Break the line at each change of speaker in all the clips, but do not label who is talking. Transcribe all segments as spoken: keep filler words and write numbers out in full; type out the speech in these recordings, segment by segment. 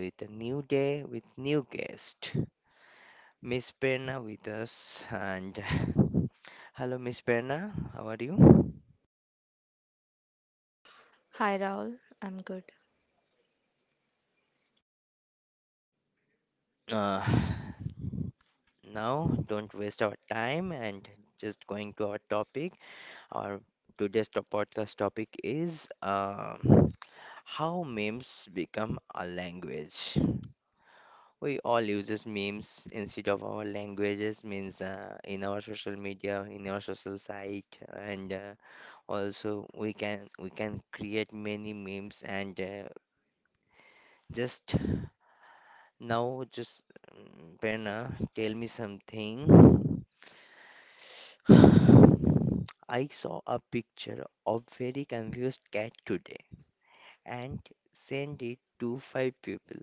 with a new day with new guest, Miss Perna with us. And hello, Miss Perna, how are you?
Hi Raul, I'm good.
Uh, Now, don't waste our time and just going to our topic. Our today's to- podcast topic is um how memes become a language. We all uses memes instead of our languages, means uh, in our social media, in our social site, and uh, also we can we can create many memes. And uh, just now, just mm, Prerna, tell me something. I saw a picture of very confused cat today and sent it to five people.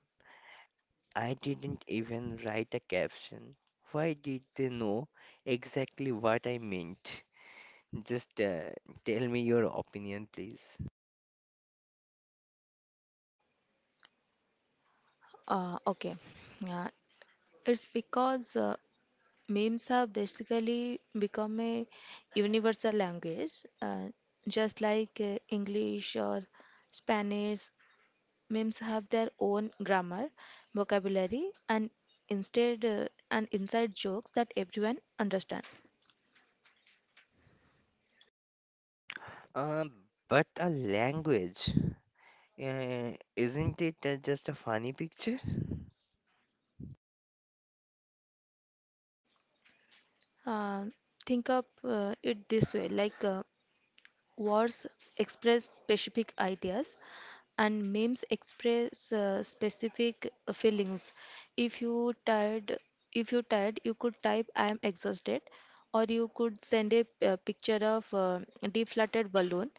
I didn't even write a caption. Why did they know exactly what I meant? Just uh, tell me your opinion, please.
Uh, okay, uh, it's because uh, memes have basically become a universal language, uh, just like uh, English or Spanish. Memes have their own grammar, vocabulary, and instead uh, and inside jokes that everyone understand.
Um, but a language, uh, isn't it uh, just a funny picture?
Uh, think of uh, it this way, like uh, words express specific ideas and memes express uh, specific uh, feelings. If you tired, if you tired, you could type "I am exhausted," or you could send a uh, picture of uh, deflated balloon.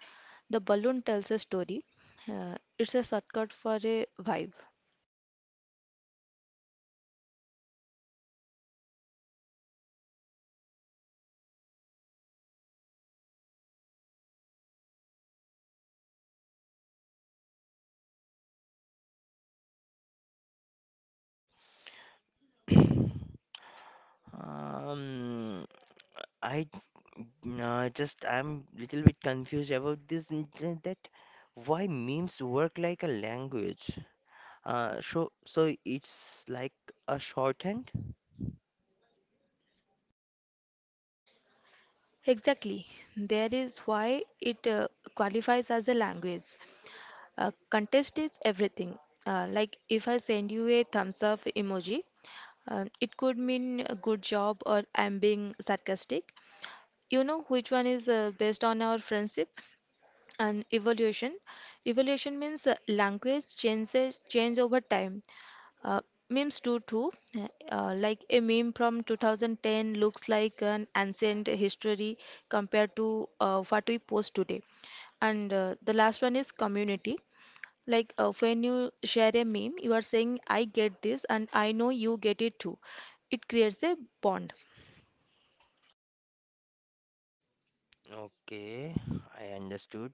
The balloon tells a story. Uh, it's a shortcut for a vibe.
Um, I no, just I'm little bit confused about this n- n- that why memes work like a language. Uh, so so it's like a shorthand.
Exactly. There is why it uh, qualifies as a language. Uh, contest is everything. Uh, like if I send you a thumbs up emoji, Uh, it could mean a good job or I'm being sarcastic. You know which one is uh, based on our friendship and evolution. Evolution means uh, language changes change over time. Uh, memes do too. Uh, like a meme from two thousand ten looks like an ancient history compared to uh, what we post today. And uh, the last one is community. Like uh, when you share a meme, you are saying, I get this and I know you get it too. It creates a bond.
Okay, I understood.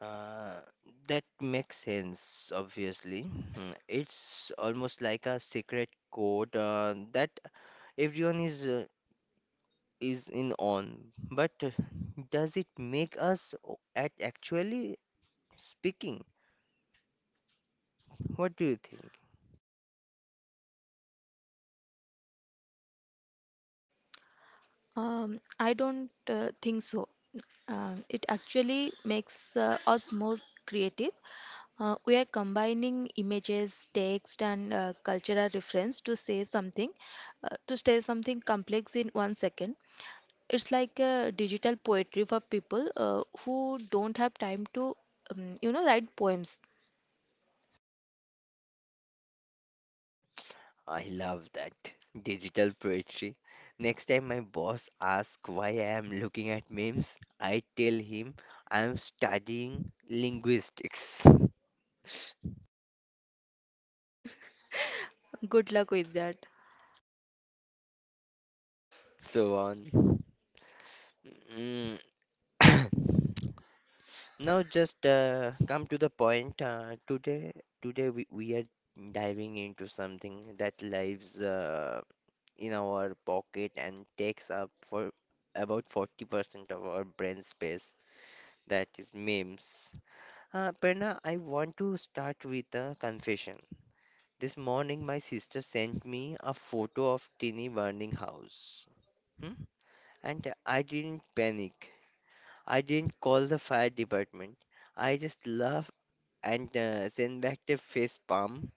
Uh, that makes sense, obviously. Mm, it's almost like a secret code uh, that everyone is uh, is in on. But uh, does it make us o- at actually speaking? What do you think?
Um, I don't uh, think so. Uh, it actually makes uh, us more creative. Uh, we are combining images, text, and uh, cultural reference to say something, uh, to say something complex in one second. It's like a digital poetry for people uh, who don't have time to, um, you know, write poems.
I love that digital poetry. Next time my boss asks why I am looking at memes, I tell him I am studying linguistics.
Good luck with that.
So on. Mm. Now just uh, come to the point. Uh, today, today we, we are diving into something that lives uh, in our pocket and takes up for about forty percent of our brain space. That is memes. Uh, Prerna, I want to start with a confession. This morning, my sister sent me a photo of teeny burning house. Hmm? And I didn't panic. I didn't call the fire department. I just laugh and uh, send back the face palm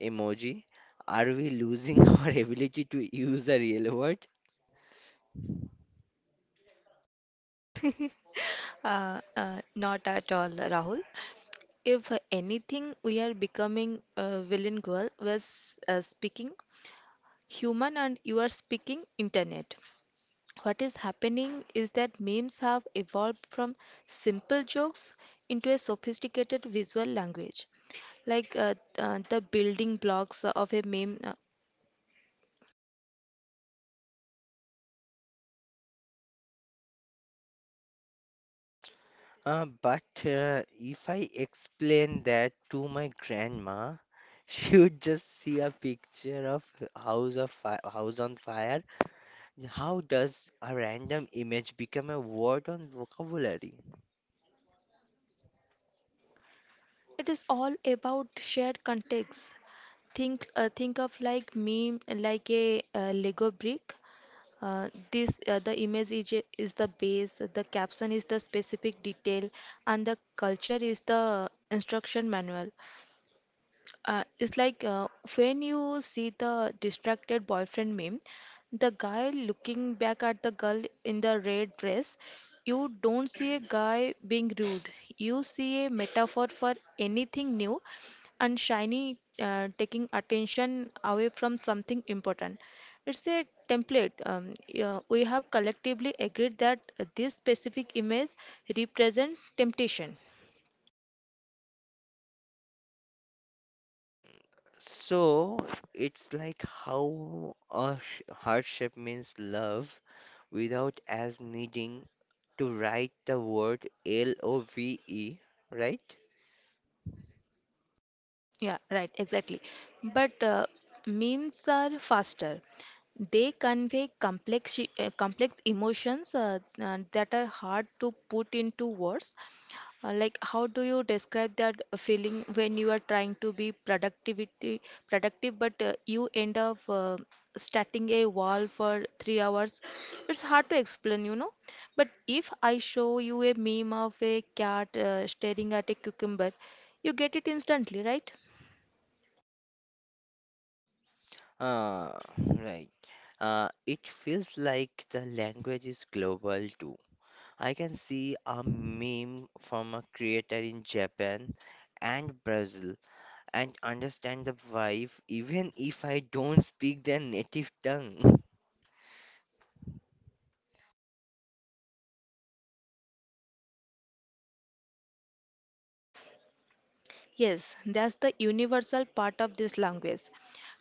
emoji. Are we losing our ability to use the real word?
uh, uh, Not at all, Rahul. If anything, we are becoming uh, bilingual. Was uh, speaking human and you are speaking internet. What is happening is that memes have evolved from simple jokes into a sophisticated visual language. Like uh, uh, the building blocks of a meme, uh,
Uh, but uh, if I explain that to my grandma, she would just see a picture of house of fi house on fire. How does a random image become a word on vocabulary?
it is all about shared context. Think uh, think of like meme like a uh, lego brick. Uh, this uh, The image is, is the base, the caption is the specific detail, and the culture is the instruction manual. Uh, it's like uh, when you see the distracted boyfriend meme, the guy looking back at the girl in the red dress, you don't see a guy being rude. You see a metaphor for anything new and shiny uh, taking attention away from something important. It's a template. Um, yeah, we have collectively agreed that this specific image represents temptation.
So it's like how a sh- hardship means love without as needing to write the word L O V E, right?
Yeah, right, exactly. But uh, memes are faster. They convey complex uh, complex emotions uh, uh, that are hard to put into words. Uh, like, how do you describe that feeling when you are trying to be productivity productive, but uh, you end up uh, starting a wall for three hours? It's hard to explain, you know. But if I show you a meme of a cat uh, staring at a cucumber, you get it instantly, right?
Uh, right. Uh, it feels like the language is global too. I can see a meme from a creator in Japan and Brazil and understand the vibe even if I don't speak their native tongue.
Yes, that's the universal part of this language.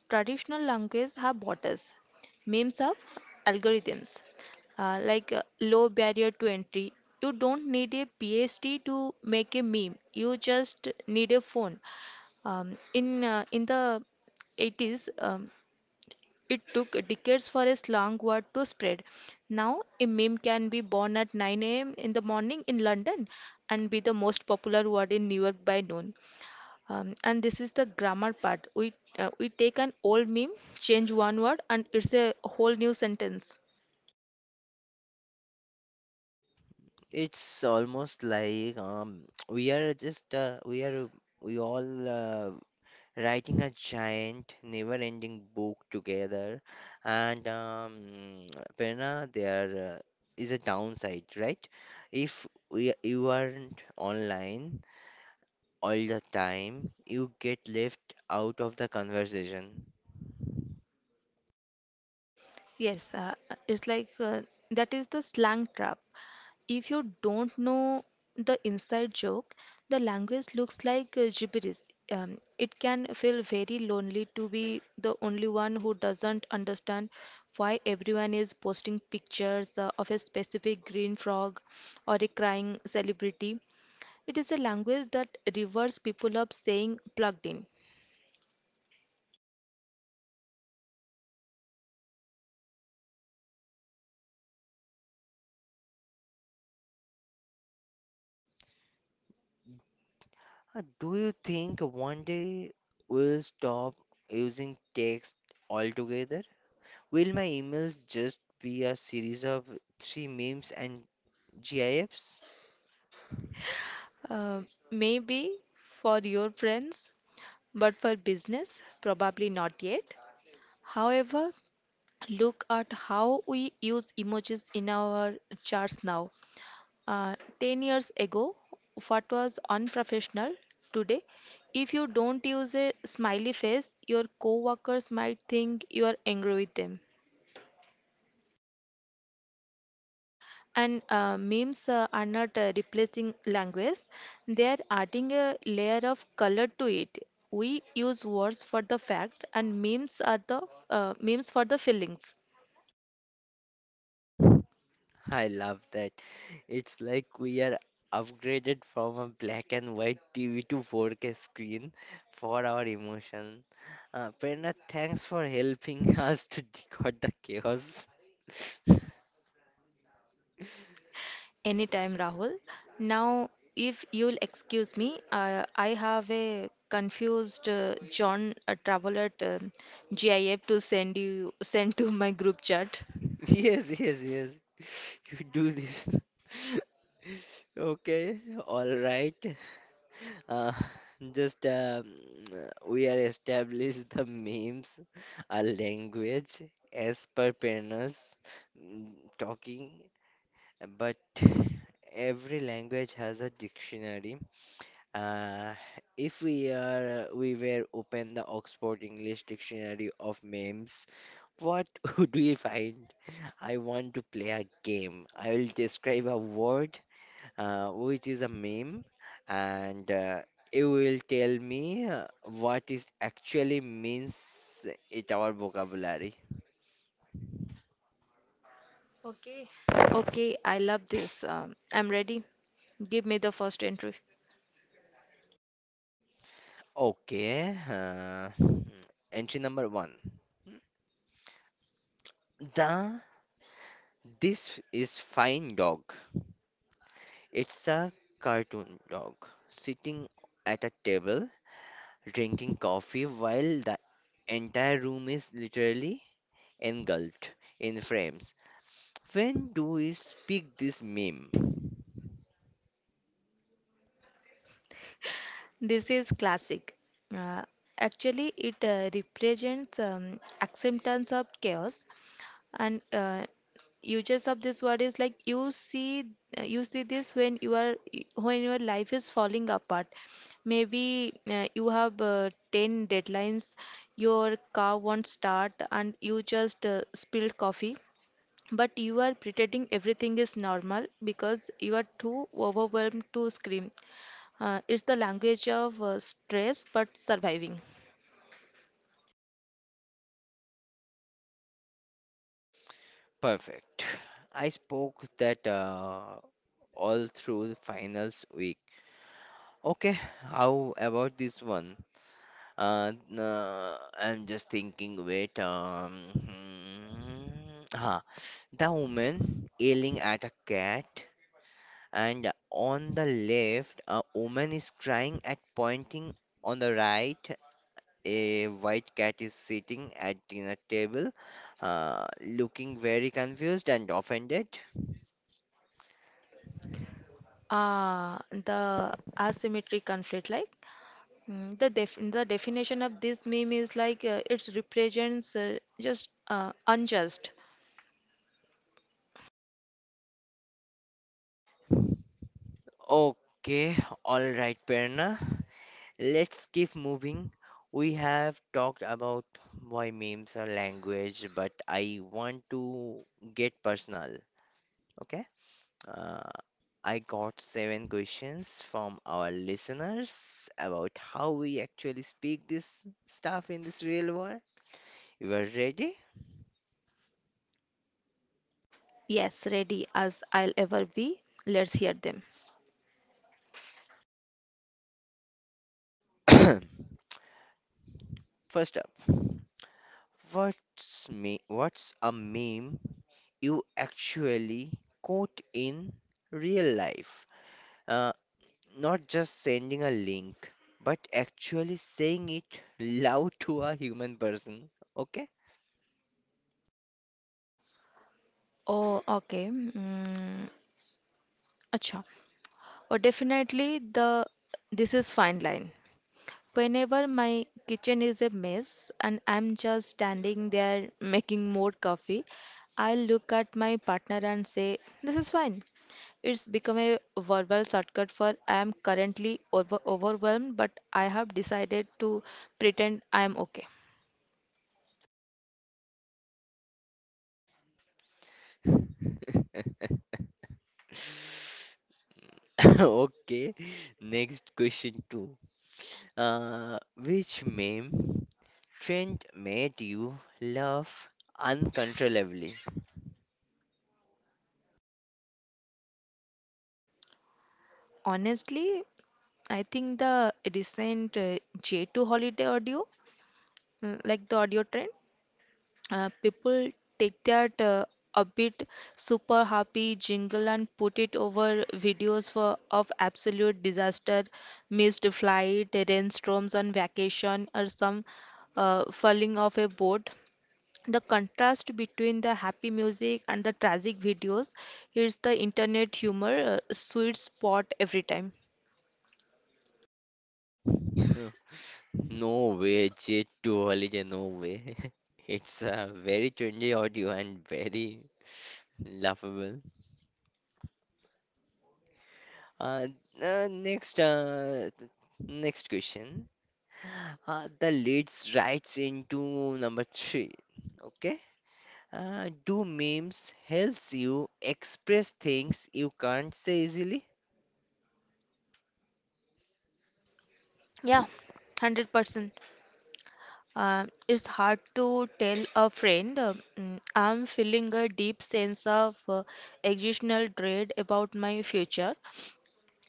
Traditional language have borders, memes of algorithms, uh, like uh, low barrier to entry. You don't need a PhD to make a meme. You just need a phone. Um, in uh, in the eighties, um, it took decades for a slang word to spread. Now, a meme can be born at nine a m in the morning in London and be the most popular word in New York by noon. Um, and this is the grammar part. We uh, we take an old meme, change one word, and it's a whole new sentence.
It's almost like um, we are just uh, we are we all uh, writing a giant, never-ending book together, and um, Prerna, there uh, is a downside, right? If we you aren't online all the time, you get left out of the conversation.
Yes, uh, it's like uh, that is the slang trap. If you don't know the inside joke, the language looks like uh, gibberish. Um, it can feel very lonely to be the only one who doesn't understand why everyone is posting pictures uh, of a specific green frog or a crying celebrity. It is a language that reverse people up saying plugged in.
Uh, do you think one day we'll stop using text altogether? Will my emails just be a series of three memes and GIFs?
Uh, maybe for your friends, but for business, probably not yet. However, look at how we use emojis in our charts now. Uh, ten years ago, what was unprofessional today? If you don't use a smiley face, your coworkers might think you are angry with them. And uh, memes uh, are not uh, replacing language, they are adding a layer of color to it. We use words for the fact, and memes are the uh, memes for the feelings.
I love that. It's like we are upgraded from a black and white T V to four K screen for our emotion. Uh, Prerna, thanks for helping us to decode the chaos.
Anytime, Rahul. Now, if you'll excuse me, uh, I have a confused uh, John uh, Travolta um GIF to send you send to my group chat.
Yes, yes, yes. You do this. Okay, all right. Uh, just um, uh, we are established the memes, a language as per partners mm, talking, but every language has a dictionary. Uh, if we are we were open the Oxford English Dictionary of memes, what would we find? I want to play a game. I will describe a word uh, which is a meme, and uh, it will tell me uh, what is actually means It our vocabulary.
Okay. Okay, I love this. Um, I'm ready. Give me the first entry.
Okay, uh, entry number one. The This is fine dog. It's a cartoon dog sitting at a table drinking coffee while the entire room is literally engulfed in frames. When do we speak this meme?
This is classic. Uh, actually, it uh, represents um, acceptance of chaos and uh, uses of this word is like you see uh, you see this when you are when your life is falling apart. Maybe uh, you have uh, ten deadlines, your car won't start, and you just uh, spilled coffee. But you are pretending everything is normal because you are too overwhelmed to scream. Uh, it's the language of uh, stress but surviving.
Perfect. I spoke that uh, all through the finals week. Okay, how about this one? Uh, no, I'm just thinking, wait, um, hmm, huh. The woman yelling at a cat, and on the left, a woman is crying at pointing. On the right, a white cat is sitting at dinner table, uh, looking very confused and offended.
Ah, the asymmetric conflict, like mm, the def the definition of this meme is like uh, it represents uh, just uh, unjust.
Okay, all right, Perna. Let's keep moving. We have talked about why memes are language, but I want to get personal. Okay? Uh, I got seven questions from our listeners about how we actually speak this stuff in this real world. You are ready?
Yes, ready as I'll ever be. Let's hear them.
First up. What's me what's a meme you actually quote in real life? Uh, not just sending a link, but actually saying it loud to a human person. Okay?
Oh, okay. Mm, acha. Oh, definitely the this is fine line. Whenever my kitchen is a mess and I'm just standing there making more coffee, I look at my partner and say, "This is fine." It's become a verbal shortcut for I'm currently over- overwhelmed, but I have decided to pretend I'm okay.
Okay. Next question two. Uh, which meme trend made you laugh uncontrollably?
Honestly, I think the recent uh, J two holiday audio, mm, like the audio trend, Uh, people take that uh, a bit super happy jingle and put it over videos for, of absolute disaster, missed flight, rainstorms on vacation, or some uh, falling off a boat. The contrast between the happy music and the tragic videos is the internet humor uh, sweet spot every time.
No way, J to holiday, no way. It's a very trendy audio and very laughable. Uh, uh, next, uh, Next question. Uh, the leads right into number three. Okay. Uh, do memes helps you express things you can't say easily?
Yeah, one hundred percent. Uh, it's hard to tell a friend, uh, "Mm, I'm feeling a deep sense of uh, existential dread about my future."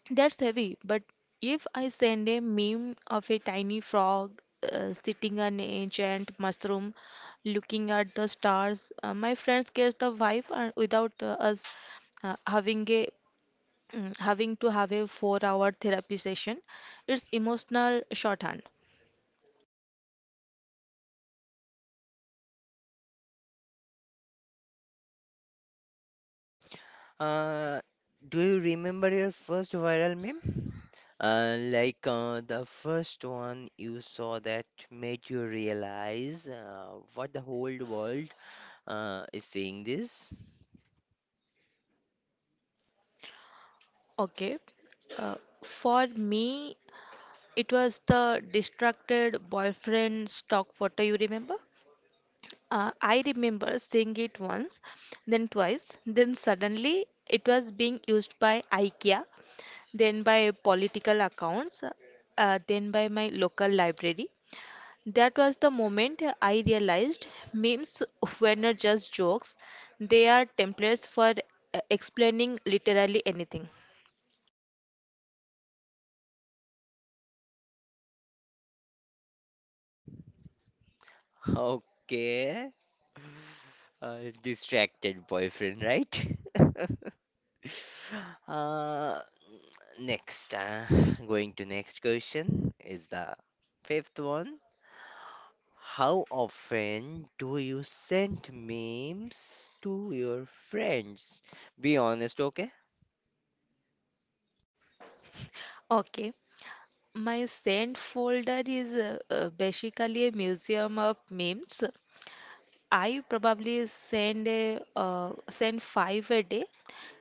That's heavy, but if I send a meme of a tiny frog uh, sitting on a giant mushroom looking at the stars, uh, my friends get the vibe and without uh, us uh, having a mm, having to have a four-hour therapy session. It's emotional shorthand.
Uh, do you remember your first viral meme? Uh, like uh, the first one you saw that made you realize uh, what the whole world uh, is saying this?
Okay. Uh, for me, it was the distracted boyfriend stock photo, you remember? Uh, I remember seeing it once, then twice, then suddenly it was being used by IKEA, then by political accounts, uh, then by my local library. That was the moment I realized memes were not just jokes, they are templates for uh, explaining literally anything.
Okay. Uh, distracted boyfriend, right? Uh, next, uh, Going to next question is the fifth one. How often do you send memes to your friends? Be honest, okay?
Okay, my sent folder is uh, uh, basically a museum of memes. I probably send a uh, send five a day.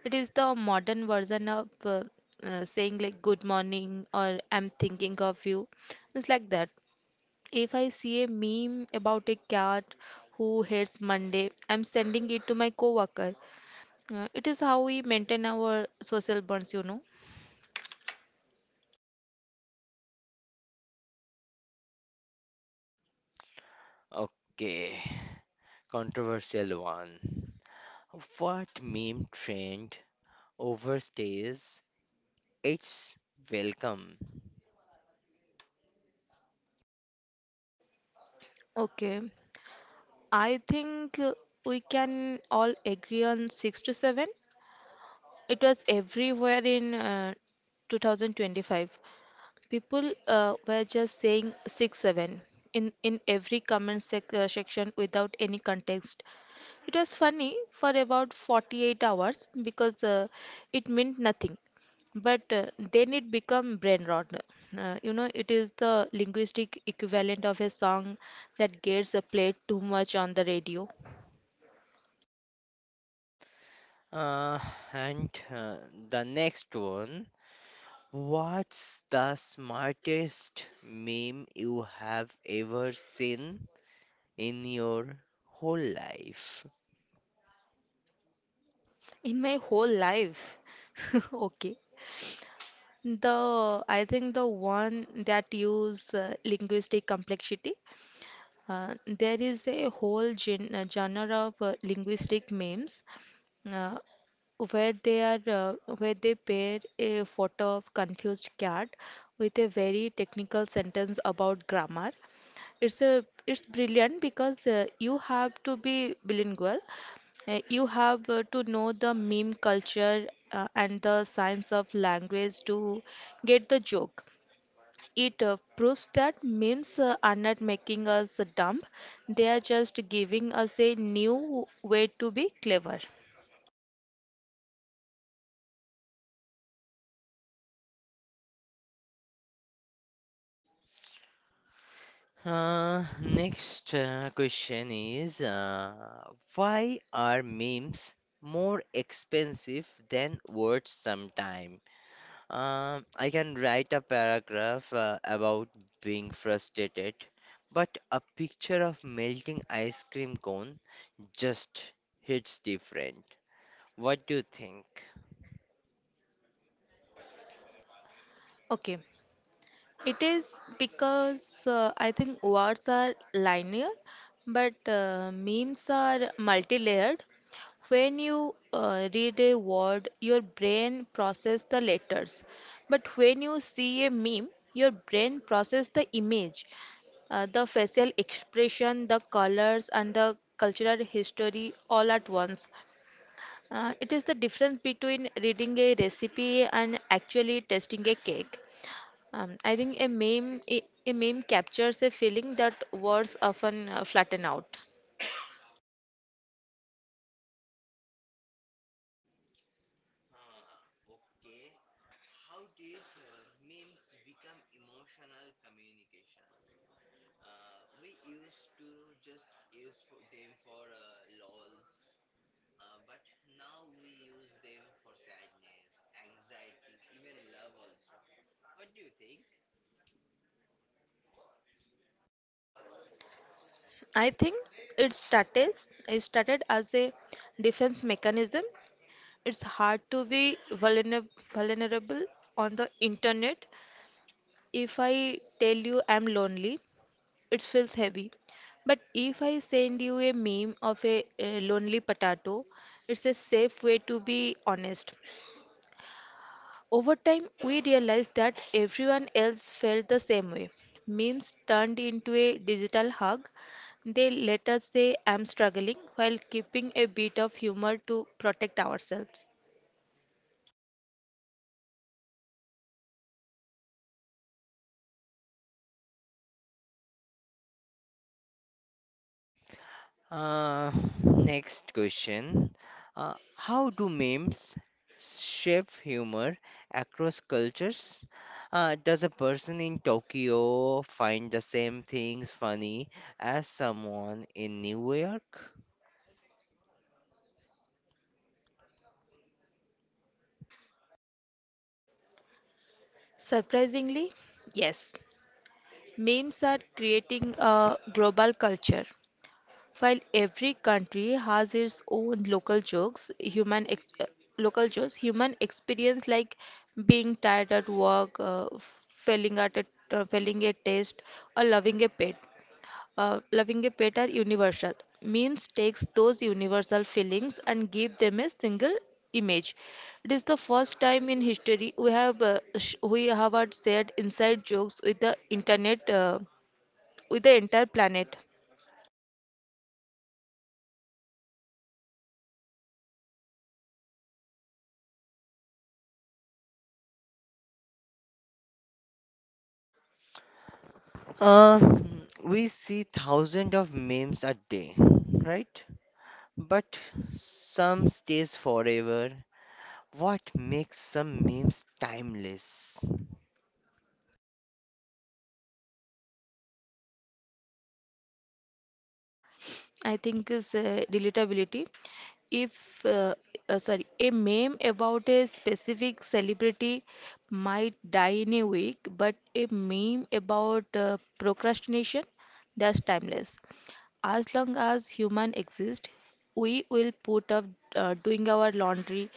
It is the modern version of uh, uh, saying like good morning or I'm thinking of you. It's like that. If I see a meme about a cat who hates Monday, I'm sending it to my coworker. Uh, it is how we maintain our social bonds, you know.
Okay, controversial one. What meme trend overstays its welcome?
Okay. I think uh, we can all agree on six to seven. It was everywhere in uh, two thousand twenty-five. People uh, were just saying six seven in, in every comment sec- uh, section without any context. It was funny for about forty-eight hours because uh, it meant nothing. But uh, then it become brain rot. Uh, you know, it is the linguistic equivalent of a song that gets uh, played too much on the radio.
Uh, and uh, The next one. What's the smartest meme you have ever seen in your whole life?
In my whole life. Okay. The I think the one that use uh, linguistic complexity. Uh, there is a whole gen uh, genre of uh, linguistic memes, uh, where they are uh, where they pair a photo of confused cat with a very technical sentence about grammar. It's a it's brilliant because uh, you have to be bilingual, uh, you have uh, to know the meme culture uh, and the science of language to get the joke. It uh, proves that memes uh, are not making us dumb, they are just giving us a new way to be clever.
Uh, next uh, question is, uh, why are memes more expensive than words sometime? Um, I can write a paragraph uh, about being frustrated, but a picture of melting ice cream cone just hits different. What do you think?
Okay, it is because uh, I think words are linear, but uh, memes are multi-layered. When you uh, read a word, your brain process the letters. But when you see a meme, your brain process the image, uh, the facial expression, the colors, and the cultural history all at once. Uh, it is the difference between reading a recipe and actually tasting a cake. Um, I think a meme a, a meme captures a feeling that words often uh, flatten out.
Okay, how did uh, memes become emotional communication? Uh, we used to just use for them for uh, lols, uh, but now we use them for sadness, anxiety, even love also. What do you think?
I think it started it started as a defense mechanism. It's hard to be vulnerable vulnerable on the internet. If I tell you I'm lonely, it feels heavy. But if I send you a meme of a, a lonely potato, it's a safe way to be honest. Over time, we realized that everyone else felt the same way. Memes turned into a digital hug. They let us say, I'm struggling, while keeping a bit of humor to protect ourselves.
Uh, next question. Uh, how do memes shape humor across cultures? Uh, does a person in Tokyo find the same things funny as someone in New York?
Surprisingly, yes, memes are creating a global culture. While every country has its own local jokes, human ex uh, local jokes, human experience like being tired at work, uh, failing at a, uh, failing a test, or loving a pet. Uh, loving a pet are universal. Memes takes those universal feelings and give them a single image. It is the first time in history we have uh, sh we have had shared inside jokes with the internet uh, with the entire planet.
Uh, we see thousands of memes a day, right? But some stays forever. What makes some memes timeless?
I think is uh, relatability. If uh, uh, sorry, A meme about a specific celebrity might die in a week, but a meme about uh, procrastination, that's timeless. As long as human exist, we will put up uh, doing our laundry.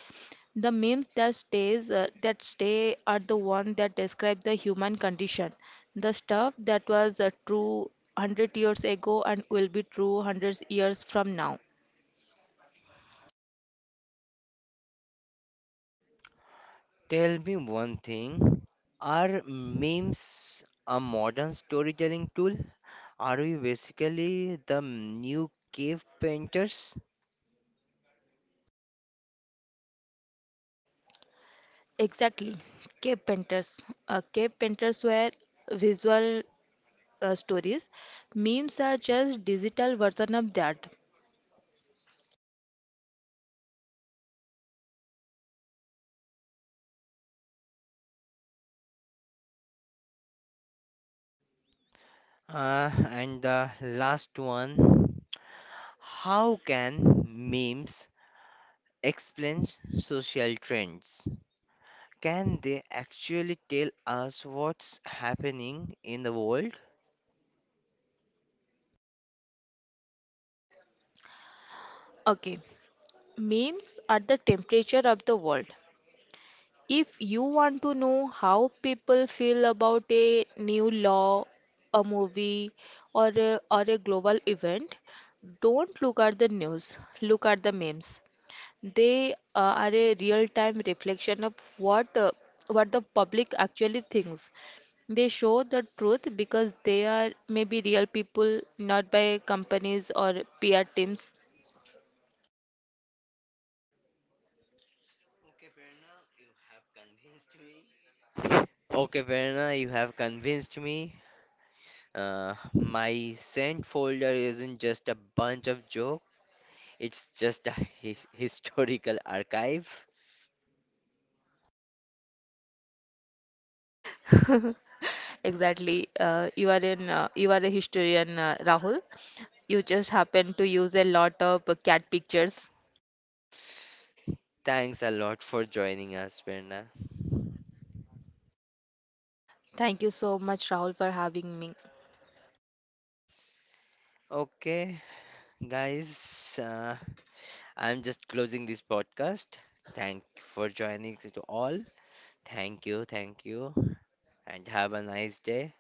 The memes that stays uh, that stay are the one that describe the human condition. The stuff that was uh, true one hundred years ago and will be true hundreds years from now.
Tell me one thing. Are memes a modern storytelling tool? Are we basically the new cave painters?
Exactly. Cave painters. Uh, cave painters were visual uh, stories. Memes are just digital version of that.
Uh, and the last one, how can memes explain social trends? Can they actually tell us what's happening in the world?
Okay. Memes are the temperature of the world. If you want to know how people feel about a new law, a movie, or a, or a global event, don't look at the news, look at the memes. They uh, are a real-time reflection of what uh, what the public actually thinks. They show the truth because they are maybe real people, not by companies or P R teams.
Okay, Verna, you have convinced me. Uh, my sent folder isn't just a bunch of jokes, it's just a his historical archive.
Exactly. Uh, you are in uh, you are a historian, uh, Rahul. You just happen to use a lot of uh, cat pictures.
Thanks a lot for joining us, Verna.
Thank you so much, Rahul, for having me.
Okay, guys, uh, I'm just closing this podcast. Thank for joining to all. Thank you, thank you, and have a nice day.